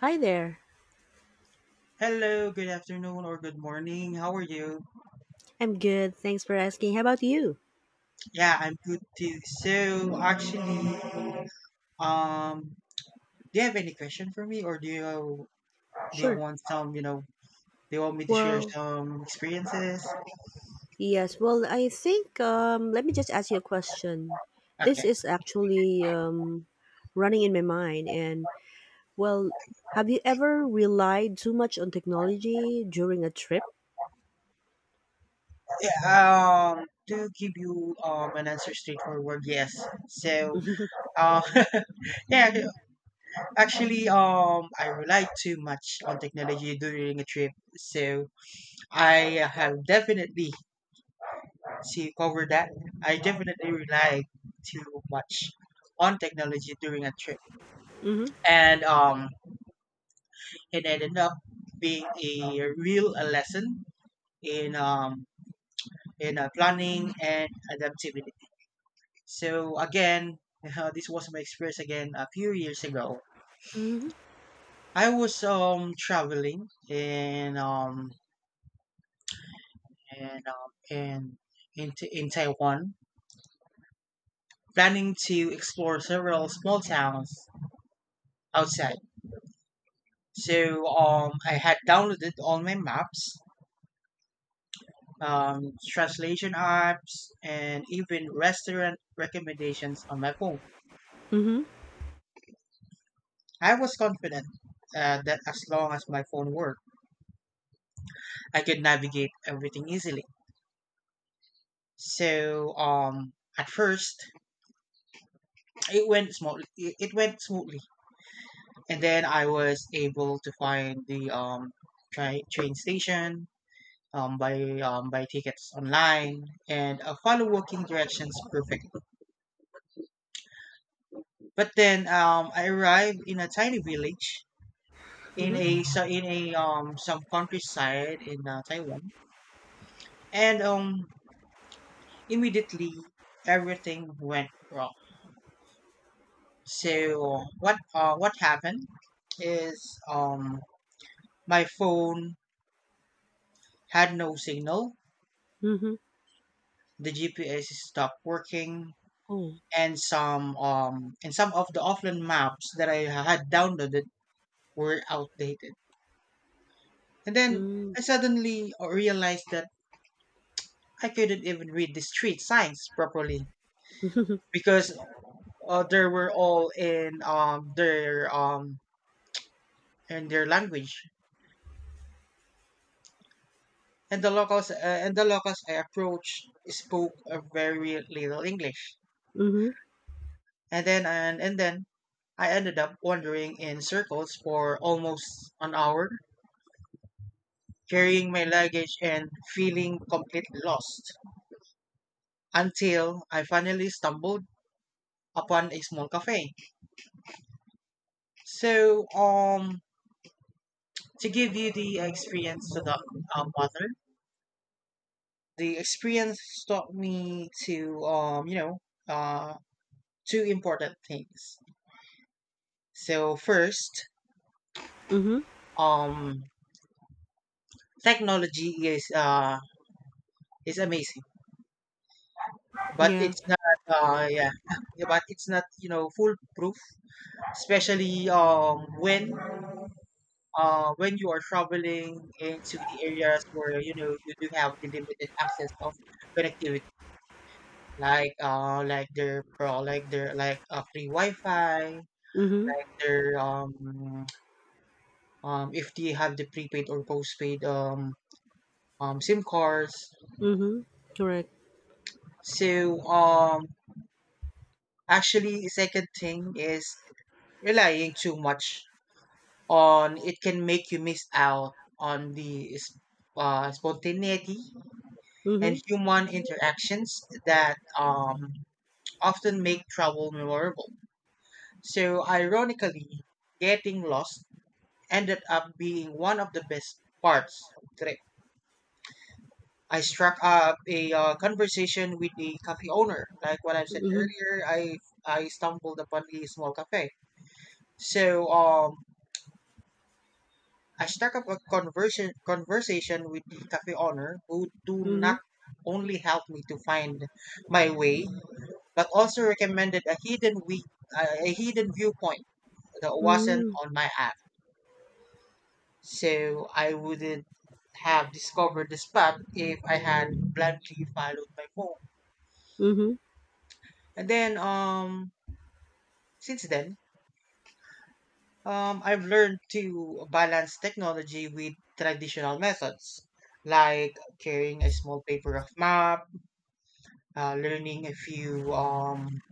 Hi there. Hello, good afternoon or good morning. How are you? I'm good. Thanks for asking. How about you? Yeah, I'm good too. So actually, um, do you have any question for me, or do you Sure. want some, do you want me to share Well, some experiences? yes. Well, I think let me just ask you a question. This Okay. is actually, running in my mind. And well, have you ever relied too much on technology during a trip? Yeah, to give you an answer straightforward, yes. So, um, yeah, actually, I relied too much on technology during a trip, so I have definitely she covered that. I definitely relied too much on technology during a trip, Mm-hmm. and it ended up being a real lesson in um, in planning and adaptability. So again, this was my experience again a few years ago. Mm-hmm. I was traveling in um, in in Taiwan, planning to explore several small towns outside. So I had downloaded all my maps, translation apps, and even restaurant recommendations on my phone. Mm-hmm. I was confident that as long as my phone worked, I could navigate everything easily. So at first, it went smoothly. It went smoothly, and then I was able to find the train station. By tickets online and follow walking directions perfectly. But then I arrived in a tiny village Mm-hmm. In a some countryside in Taiwan, and immediately everything went wrong. So what happened is um my phone had no signal, Mm-hmm. the GPS stopped working, Oh. and some of the offline maps that I had downloaded were outdated. And then Mm. I suddenly realized that I couldn't even read the street signs properly because they were all in their in their language. And the locals I approached spoke a very little English. Mm-hmm. And then I ended up wandering in circles for almost an hour, carrying my luggage and feeling completely lost until I finally stumbled upon a small cafe. So to give you the experience to the mother. The experience taught me to uh two important things. So first, Mm-hmm. um technology is amazing, but Yeah. it's not yeah, but it's not foolproof, especially when you are traveling into the areas where you do have the limited access of connectivity. Like like their pro like their like a free wi-fi Mm-hmm. like their if they have the prepaid or postpaid sim cards. Mm-hmm. Correct. So actually second thing is relying too much on it can make you miss out on the spontaneity and Mm-hmm. human interactions that often make travel memorable. So ironically, getting lost ended up being one of the best parts of the trip. I struck up a conversation with the cafe owner. Like what I said Mm-hmm. earlier, I stumbled upon the small cafe. So I struck up a conversation with the cafe owner, who do not only help me to find my way, but also recommended a hidden viewpoint that wasn't Mm-hmm. on my app. So I wouldn't have discovered the spot if I had blindly followed my phone. Mm-hmm. And then since then, I've learned to balance technology with traditional methods like carrying a small paper of map, uh, learning a few um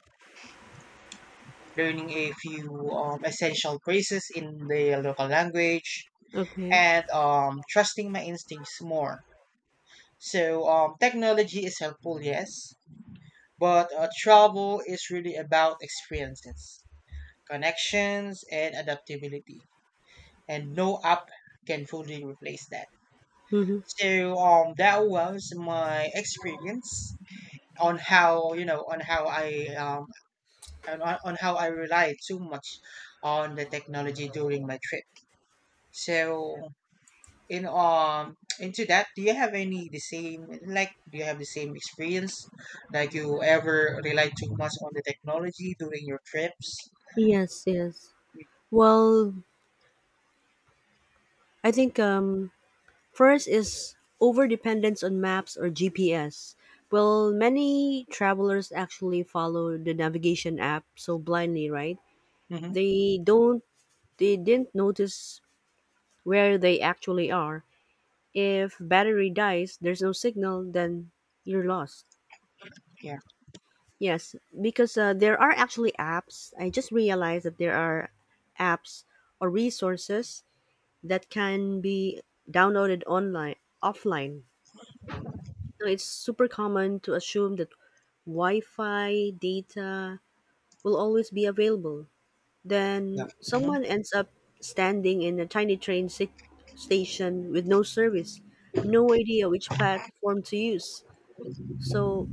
learning a few essential phrases in the local language Okay. and trusting my instincts more. So technology is helpful, yes, but travel is really about experiences, connections, and adaptability. And no app can fully replace that. Mm-hmm. So that was my experience on how you know on how I on how I relied too much on the technology during my trip. So in into that, do you have any the same like do you have the same experience like you ever relied too much on the technology during your trips? Yes, yes. Well, I think first is over dependence on maps or GPS. Well, many travelers actually follow the navigation app so blindly, right? Mm-hmm. They don't, they didn't notice where they actually are. If battery dies, there's no signal, then you're lost. Yeah. Yes, because there are actually apps. I just realized that there are apps or resources that can be downloaded online offline. Now, it's super common to assume that Wi-Fi data will always be available. Yeah. Then Mm-hmm. someone ends up standing in a tiny station with no service, no idea which platform to use. So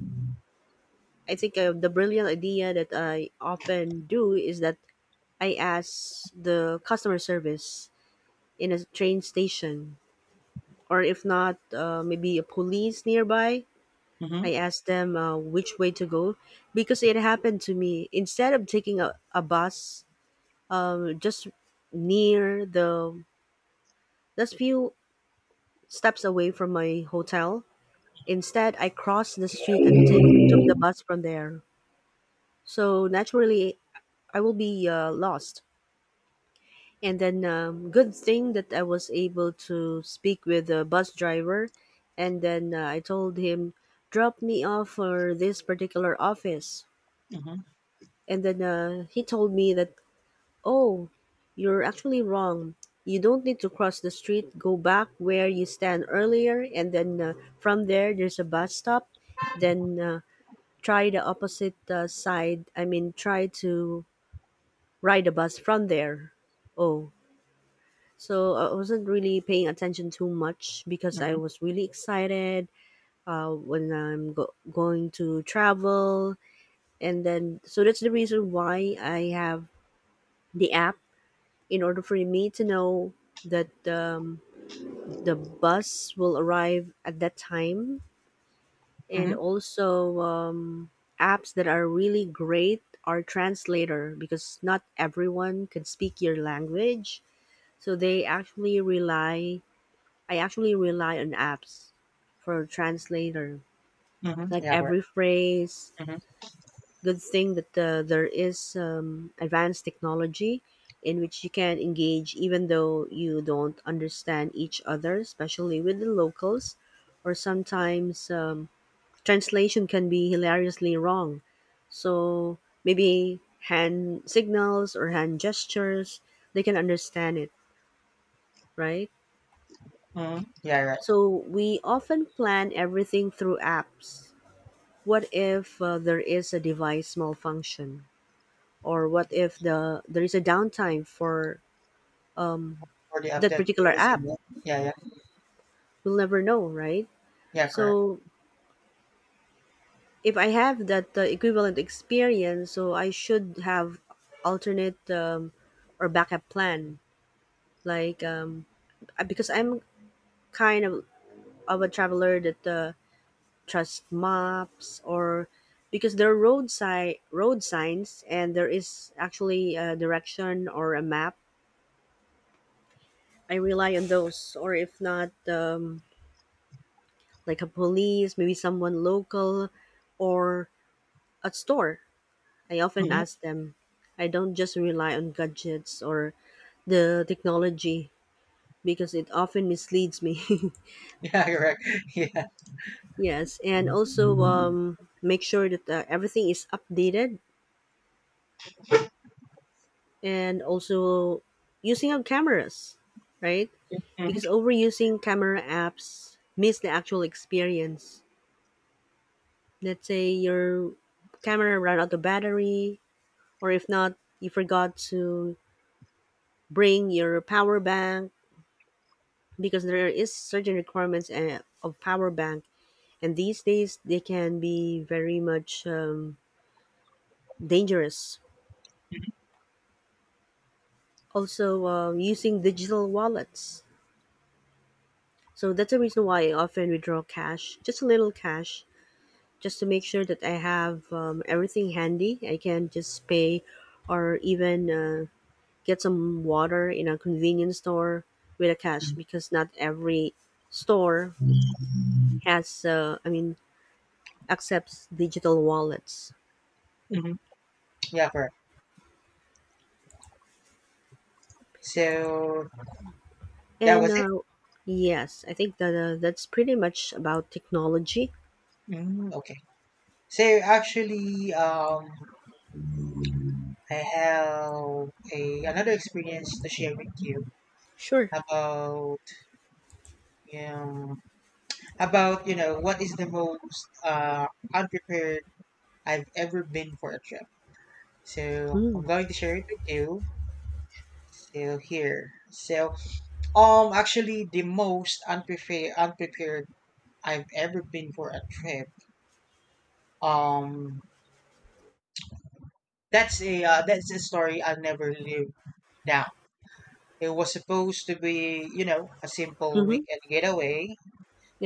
I think the brilliant idea that I often do is that I ask the customer service in a train station or if not, maybe a police nearby. Mm-hmm. I asked them which way to go because it happened to me. Instead of taking a bus just near the, just few steps away from my hotel, instead I crossed the street and took the bus from there. So naturally, I will be lost. And then, good thing that I was able to speak with the bus driver. And then I told him, drop me off for this particular office. Mm-hmm. And then he told me that, oh, you're actually wrong. You don't need to cross the street. Go back where you stand earlier. And then from there, there's a bus stop. Then try the opposite side. I mean, try to ride a bus from there. Oh, so I wasn't really paying attention too much because I Mm-hmm. was really excited when going to travel. And then, so that's the reason why I have the app in order for me to know that the bus will arrive at that time. And Mm-hmm. also, apps that are really great are translator because not everyone can speak your language. So they actually rely I actually rely on apps for translator. Mm-hmm. Like Yeah. Correct. every phrase, Mm-hmm. good thing that there is advanced technology in which you can engage even though you don't understand each other, especially with the locals. Or sometimes translation can be hilariously wrong. So maybe hand signals or hand gestures, they can understand it, right? Mm-hmm. Yeah. Right. So we often plan everything through apps. What if there is a device malfunction, or what if there is a downtime for um, For the that update particular you will see. app? Yeah. Yeah. Yeah. We'll never know, right? Yeah, correct. So if I have that equivalent experience, so I should have alternate or backup plan, like because I'm kind of of a traveler that trusts maps, or because there are road signs and there is actually a direction or a map. I rely on those, or if not, like a police, maybe someone local, or a store. I often Mm-hmm. ask them. I don't just rely on gadgets or the technology because it often misleads me. Yeah. Correct. Yeah. Yes, and also Mm-hmm. Make sure that everything is updated, and also using our cameras, right? Because overusing camera apps miss the actual experience. Let's say your camera ran out of battery, or if not you forgot to bring your power bank, because there is certain requirements of power bank, and these days they can be very much dangerous. Also using digital wallets, so that's the reason why I often withdraw cash, just a little cash, just to make sure that I have everything handy. I can just pay, or even get some water in a convenience store with a cash, because not every store has I mean accepts digital wallets. Mm-hmm. Yeah. Correct. So that And was it. Yes, I think that that's pretty much about technology. Mm, okay. So actually, I have a another experience to share with you Sure. about um about what is the most unprepared I've ever been for a trip. So I'm Mm. going to share it with you. So here. So actually the most unprepared I've ever been for a trip. Um that's a story I'll never live down. It was supposed to be, you know, a simple Mm-hmm. weekend getaway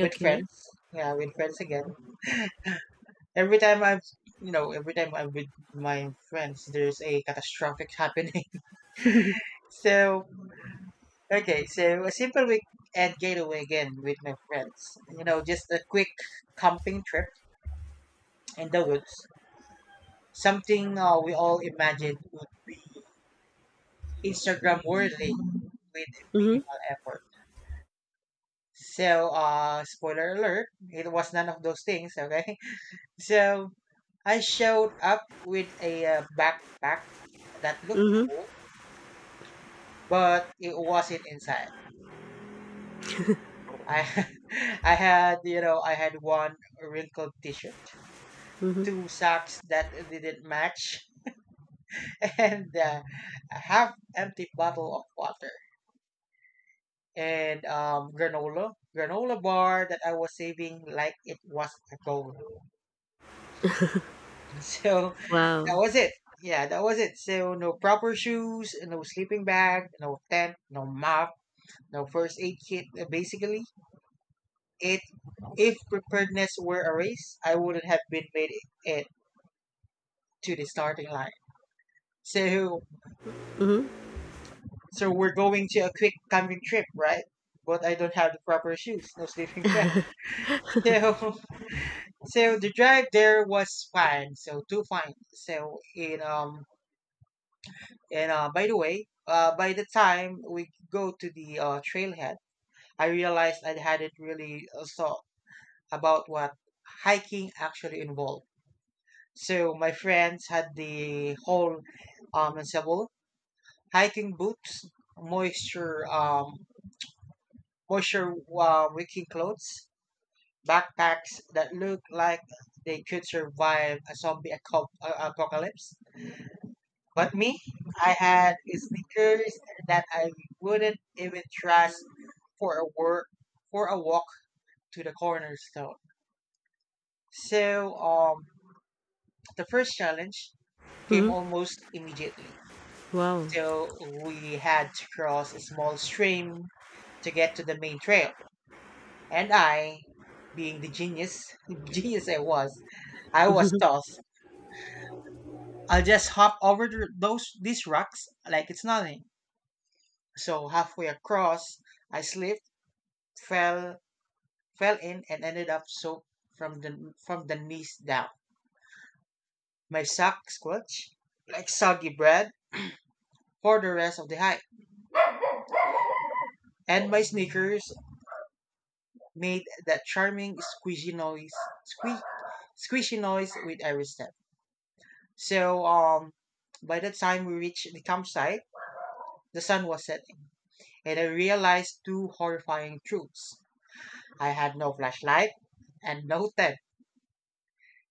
with friends. Yeah, with friends again. Every time I've every time I'm with my friends, there's a catastrophic happening. Mm-hmm. So okay, so a simple weekend getaway again with my friends. You know, just a quick camping trip in the woods. Something we all imagined would be Instagram worthy with minimal effort. So, spoiler alert, it was none of those things, okay? So I showed up with a backpack that looked Mm-hmm. full, but it wasn't inside. I I had, you know, I had one wrinkled t-shirt, Mm-hmm. two socks that didn't match, and a half empty bottle of water, and um, granola bar that I was saving like it was a gold. So that Wow. was it. Yeah, that was it. So no proper shoes, no sleeping bag, no tent, no map, no first aid kit. Basically, it if preparedness were a race, I wouldn't have been made it to the starting line. So Mm-hmm. so we're going to a quick camping trip, right? But I don't have the proper shoes, no sleeping bag. So so the drive there was fine. So too fine. So in and by the way, by the time we go to the trailhead, I realized I hadn't really thought about what hiking actually involved. So my friends had the whole ensemble, hiking boots, moisture um moisture wicking clothes, backpacks that look like they could survive a zombie apocalypse. But me, I had sneakers that I wouldn't even trust for a work for a walk to the corner store. So the first challenge came Mm-hmm. almost immediately. Wow. So we had to cross a small stream to get to the main trail, and I, being the genius, genius I was Mm-hmm. tossed I'll just hop over th- those these rocks like it's nothing. So halfway across, I slipped, fell, fell in, and ended up soaked from the knees down. My sock squelched like soggy bread for the rest of the hike, and my sneakers made that charming squishy noise, squeak, squishy noise with every step. So by the time we reached the campsite, the sun was setting, and I realized two horrifying truths. I had no flashlight and no tent.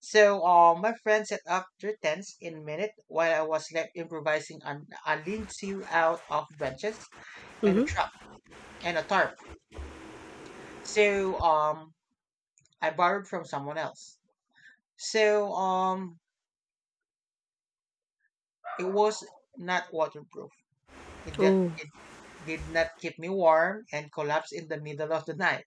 So my friend set up their tents in a minute while I was left improvising on a lean-to out of branches and a Mm-hmm. truck and a tarp. So I borrowed from someone else. So it was not waterproof. It did, Oh. it did not keep me warm and collapsed in the middle of the night.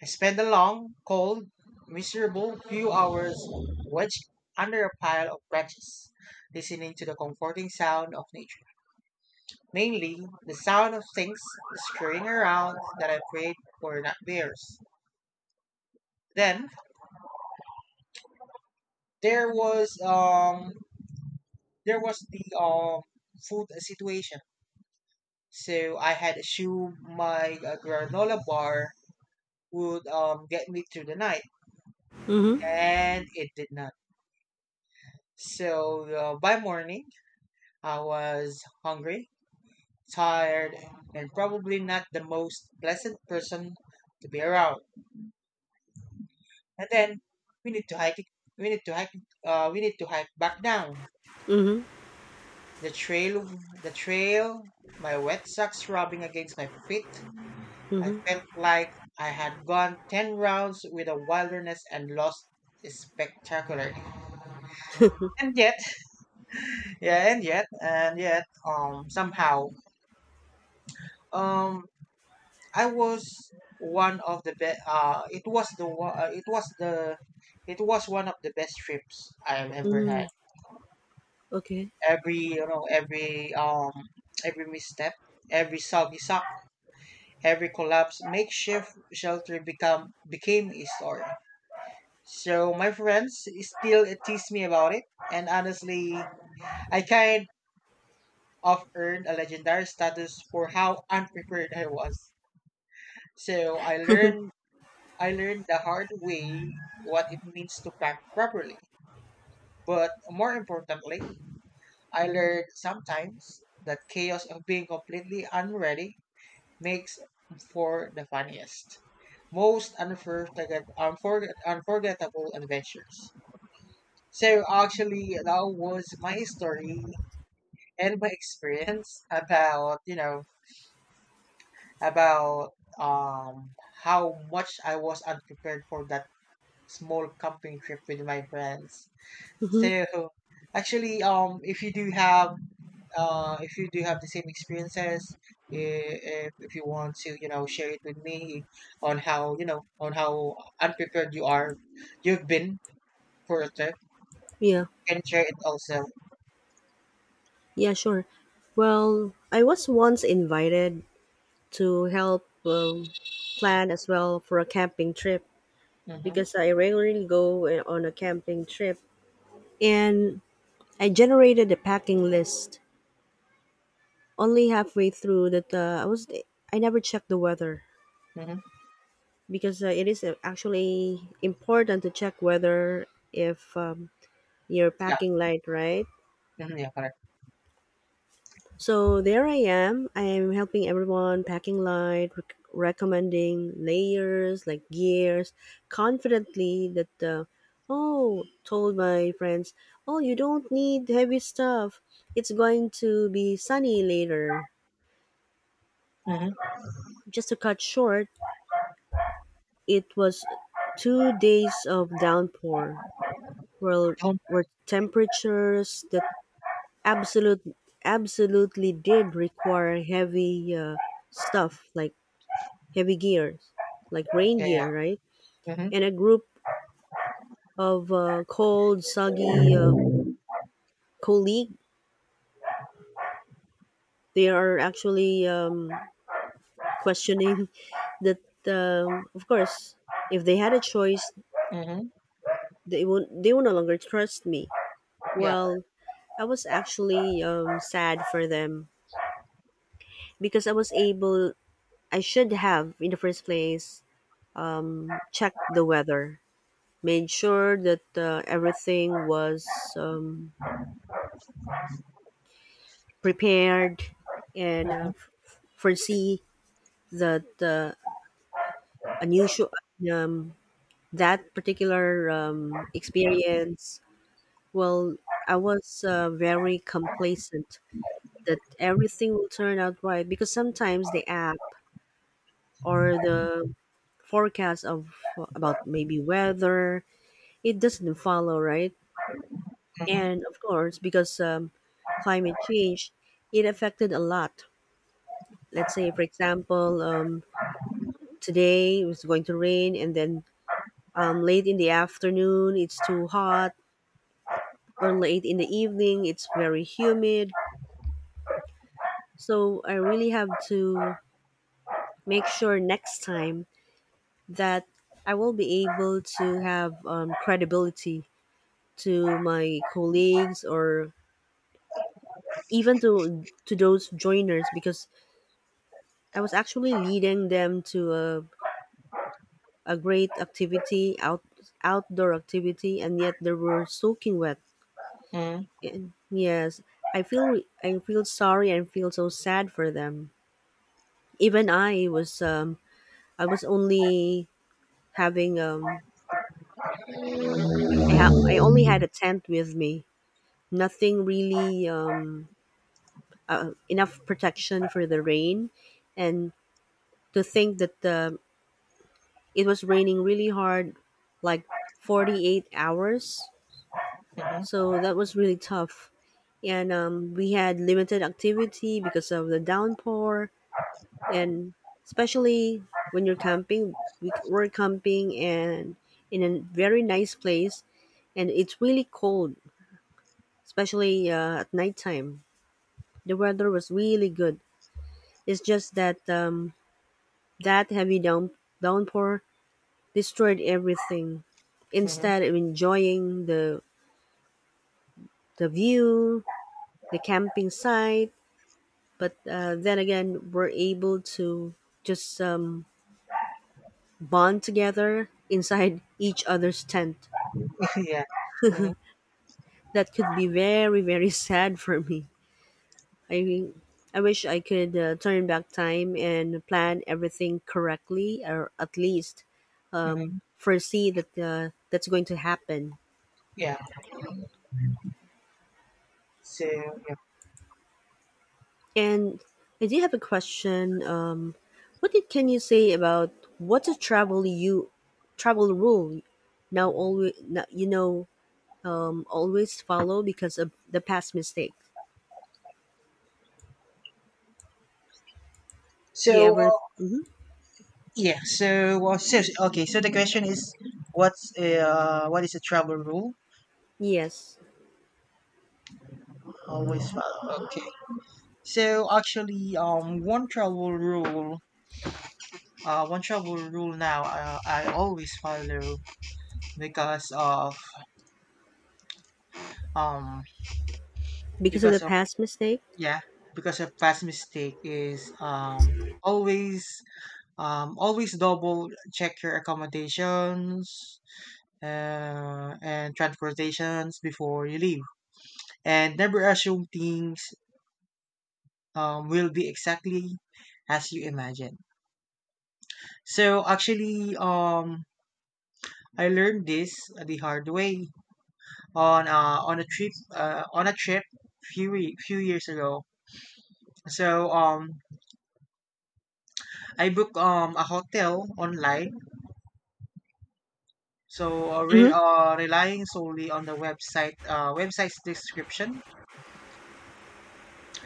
I spent a long, cold, miserable few hours wedged under a pile of branches, listening to the comforting sound of nature. Mainly, the sound of things scurrying around that I prayed were not bears. Then there was um there was the food situation. So I had assumed my granola bar would get me through the night, Mm-hmm. and it did not. So by morning, I was hungry, tired, and probably not the most pleasant person to be around. And then we need to hike. it- we need to hike. We need to hike back down Mm-hmm. the trail. the trail. My wet socks rubbing against my feet. I Mm-hmm. felt like I had gone ten rounds with the wilderness and lost spectacularly. And yet, yeah, and yet, and yet, somehow, um, I was one of the best. It was the one. It was the. It was one of the best trips I have ever had. Mm, okay. Every you know, every um, every misstep, every sagisak, every collapse, makeshift shelter become became a story. So my friends still tease me about it, and honestly, I kind of earned a legendary status for how unprepared I was. So I learned the hard way what it means to pack properly. But more importantly, I learned sometimes that chaos of being completely unready makes for the funniest, most unforgettable adventures. So actually, that was my story and my experience about about um how much I was unprepared for that small camping trip with my friends. Mm-hmm. So actually, if you do have, if you do have the same experiences, if you want to, share it with me on how, on how unprepared you are, you've been for a trip, Yeah. you can share it also. Yeah, sure. Well, I was once invited to help plan as well for a camping trip, Mm-hmm. because I regularly go on a camping trip and I generated a packing list. Only halfway through that I never checked the weather, Mm-hmm. because it is actually important to check weather if you're Yeah. packing light, right? Mm-hmm, yeah. Correct. So there I am. I am helping everyone packing light, recommending layers like gears, confidently that, oh, told my friends, oh, you don't need heavy stuff. It's going to be sunny later. Mm-hmm. Just to cut short, it was 2 days of downpour where, Home. where temperatures that absolute, absolutely did require heavy stuff like heavy gears, like rain Yeah. gear, right? Yeah. Mm-hmm. And a group of cold, soggy colleague, they are actually questioning that. Of course, if they had a choice, Mm-hmm. They would no longer trust me. Yeah. Well, I was actually sad for them, because I was able. I should have, in the first place, checked the weather, made sure that everything was prepared and Mm-hmm. Foresee that unusual um, that particular experience. Well, I was very complacent that everything will turn out right, because sometimes the app or the forecast of about maybe weather, it doesn't follow right. And of course, because climate change, it affected a lot. Let's say for example today it was going to rain, and then late in the afternoon, it's too hot, or late in the evening, it's very humid. So I really have to make sure next time that I will be able to have credibility to my colleagues, or even to those joiners, because I was actually leading them to a great activity, outdoor activity, and yet they were soaking wet. Mm-hmm. And yes, I feel sorry and feel so sad for them. Even I was only having I I only had a tent with me. Nothing really enough protection for the rain, and to think that it was raining really hard, like 48 hours. Mm-hmm. So that was really tough, and we had limited activity because of the downpour, and especially when you're camping, we were camping and in a very nice place, and it's really cold especially at nighttime. The weather was really good, it's just that that heavy downpour destroyed everything, Mm-hmm. instead of enjoying the view, the camping site. But then again we're able to just bond together inside each other's tent. yeah. Mm-hmm. That could be very very sad for me. I mean, I wish I could turn back time and plan everything correctly, or at least Mm-hmm. foresee that that's going to happen. Yeah. So yeah. And I do have a question. Can you say about what's a travel you travel rule now always now, you know always follow because of the past mistake? Do you So ever? uh, Mhm. Yeah, so okay, so the question is what is a travel rule? Yes, Always follow. So actually one travel rule, one travel rule now, I always follow because of um because of the because of past mistake. yeah, because of past mistake is always always double check your accommodations and transportations before you leave, and never assume things will be exactly as you imagine. So actually, I learned this the hard way on a trip few years ago. So I booked a hotel online. So Mm-hmm. Relying solely on the website's description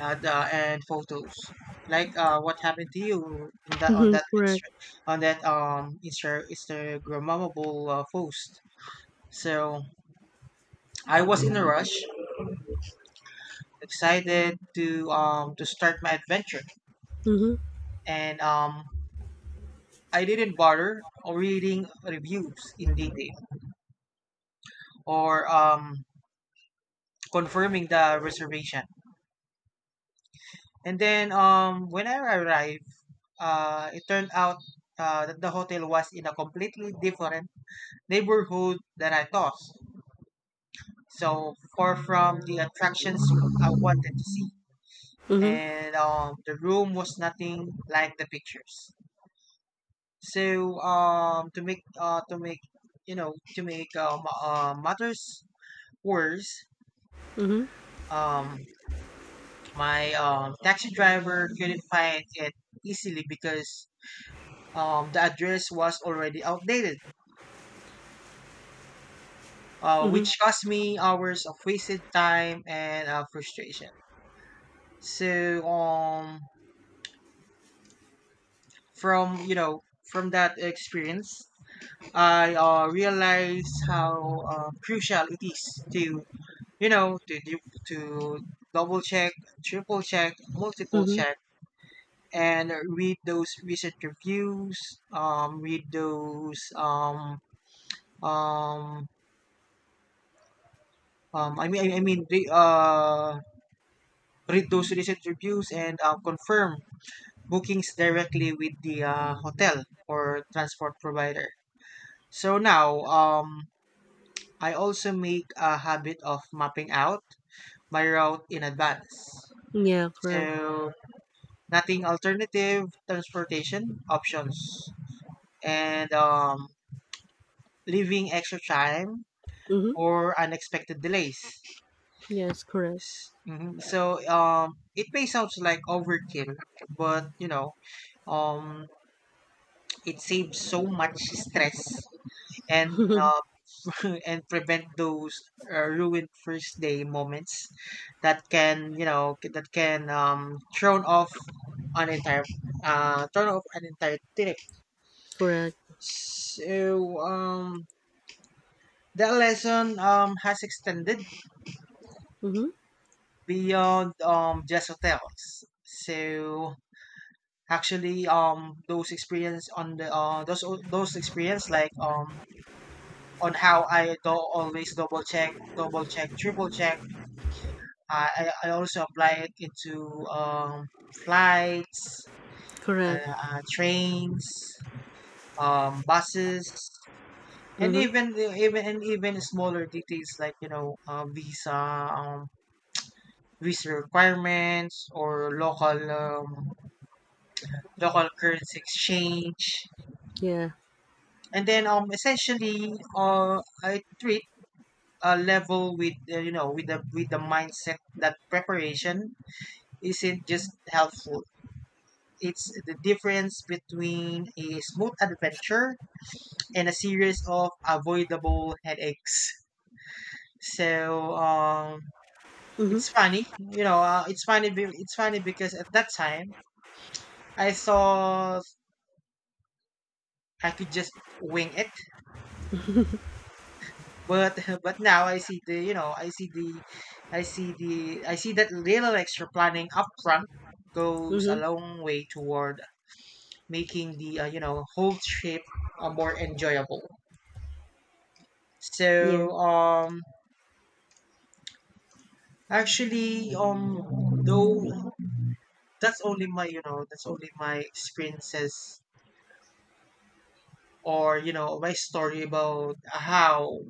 the and photos, like what happened to you in Mm-hmm. that Correct. Insta- on that Instagrammable post. So I was in a rush, excited to start my adventure, Mm-hmm. and I didn't bother reading reviews in detail or confirming the reservation. And then when I arrived, it turned out that the hotel was in a completely different neighborhood than I thought. So far from the attractions I wanted to see. Mhm. And the room was nothing like the pictures. So to make to make matters worse, Mhm. um, my taxi driver couldn't find it easily because the address was already outdated, Mhm. which cost me hours of wasted time and frustration. So from from that experience, I realized how crucial it is to to double check, triple check, multiple Mhm. check, and read those recent reviews read those um I mean I mean re, read those recent reviews and confirm bookings directly with the hotel or transport provider. So now I also make a habit of mapping out my route in advance, Yeah, correct. so nothing alternative transportation options, and leaving extra time Mhm. for unexpected delays. Yes, correct. Mhm. So it may sounds like overkill, but um, it saves so much stress and uh, and prevent those ruined first day moments that can you know that can thrown off an entire turn off an entire trip. Correct. So that lesson has extended Mhm. beyond just hotels. So actually, those experience on how I do always double check, triple check. I also apply it into flights, uh, Correct. uh, trains, buses, and Mhm. even the- even and even smaller details like visa um visa requirements or local currency exchange. Yeah. And then essentially, I treat a level with with the mindset that preparation isn't just helpful, it's the difference between a smooth adventure and a series of avoidable headaches. So Mhm. it's funny, you know. It's funny because at that time I thought I could just wing it, but but now I see the you know I see the I see the I see that little extra planning upfront goes a Mhm. long way toward making the whole trip more enjoyable. Yeah. So actually though that's only my experiences or my story about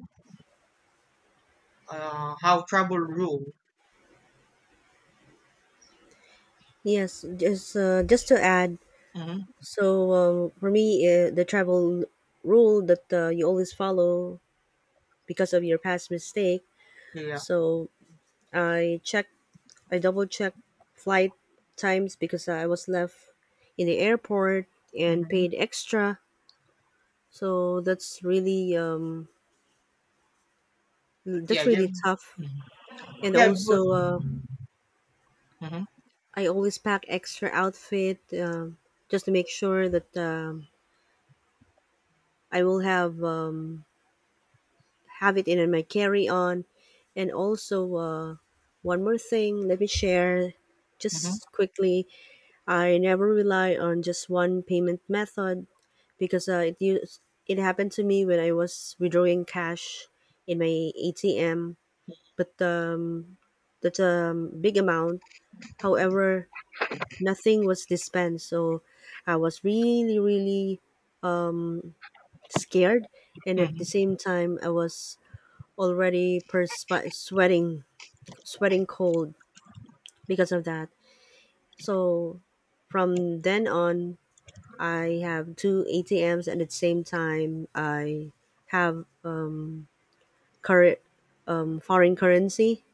how trouble rule. Yes, just to add, Hmm. so for me, the travel rule that you always follow because of your past mistake. Yeah. So I check, I double check flight times because I was left in the airport and Hmm. paid extra. So that's really mm, Yeah. that's Yeah. really tough. Mhm. And Yeah. But, also, hmm. I always pack extra outfit just to make sure that I will have it in my carry on. And also, one more thing, let me share Hmm. just quickly. I never rely on just one payment method, because it happened to me when I was withdrawing cash in my ATM, but that's a big amount. However, nothing was dispensed. So I was really, really scared. And at Hmm. the same time, I was sweating, sweating cold because of that. So from then on, I have two ATMs, and at the same time, I have a current foreign currency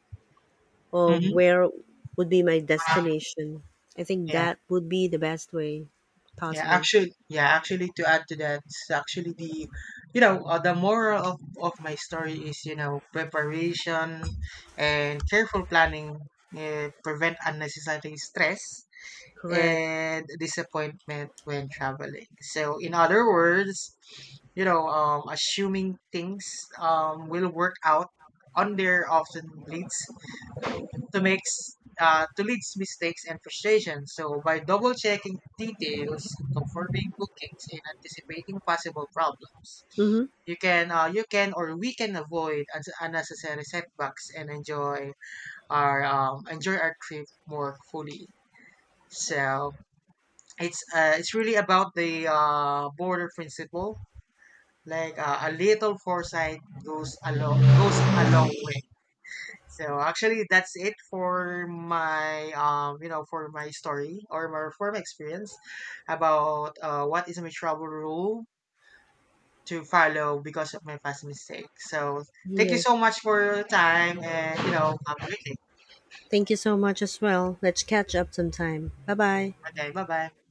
of Hmm. where would be my destination. I think Yeah, that would be the best way yeah, possible. actually, yeah, actually, to add to that, it's actually you know, the moral of my story is, you know, preparation and careful planning prevent unnecessary stress Correct. and disappointment when traveling. So, in other words, assuming things will work out on there often leads to makes to leads mistakes and frustration. So, by double checking details, confirming bookings, and anticipating possible problems, Mm-hmm. You can or we can avoid un- unnecessary setbacks and enjoy our trip more fully. So it's really about the border principle. Like a little foresight goes a long way. So actually, that's it for my for my story or for my experience about what is my travel rule to follow because of my past mistake. So thank you Yes. so much for your time and, you know, have a great day. Thank you so much as well. Let's catch up sometime. Bye bye. Okay, bye bye.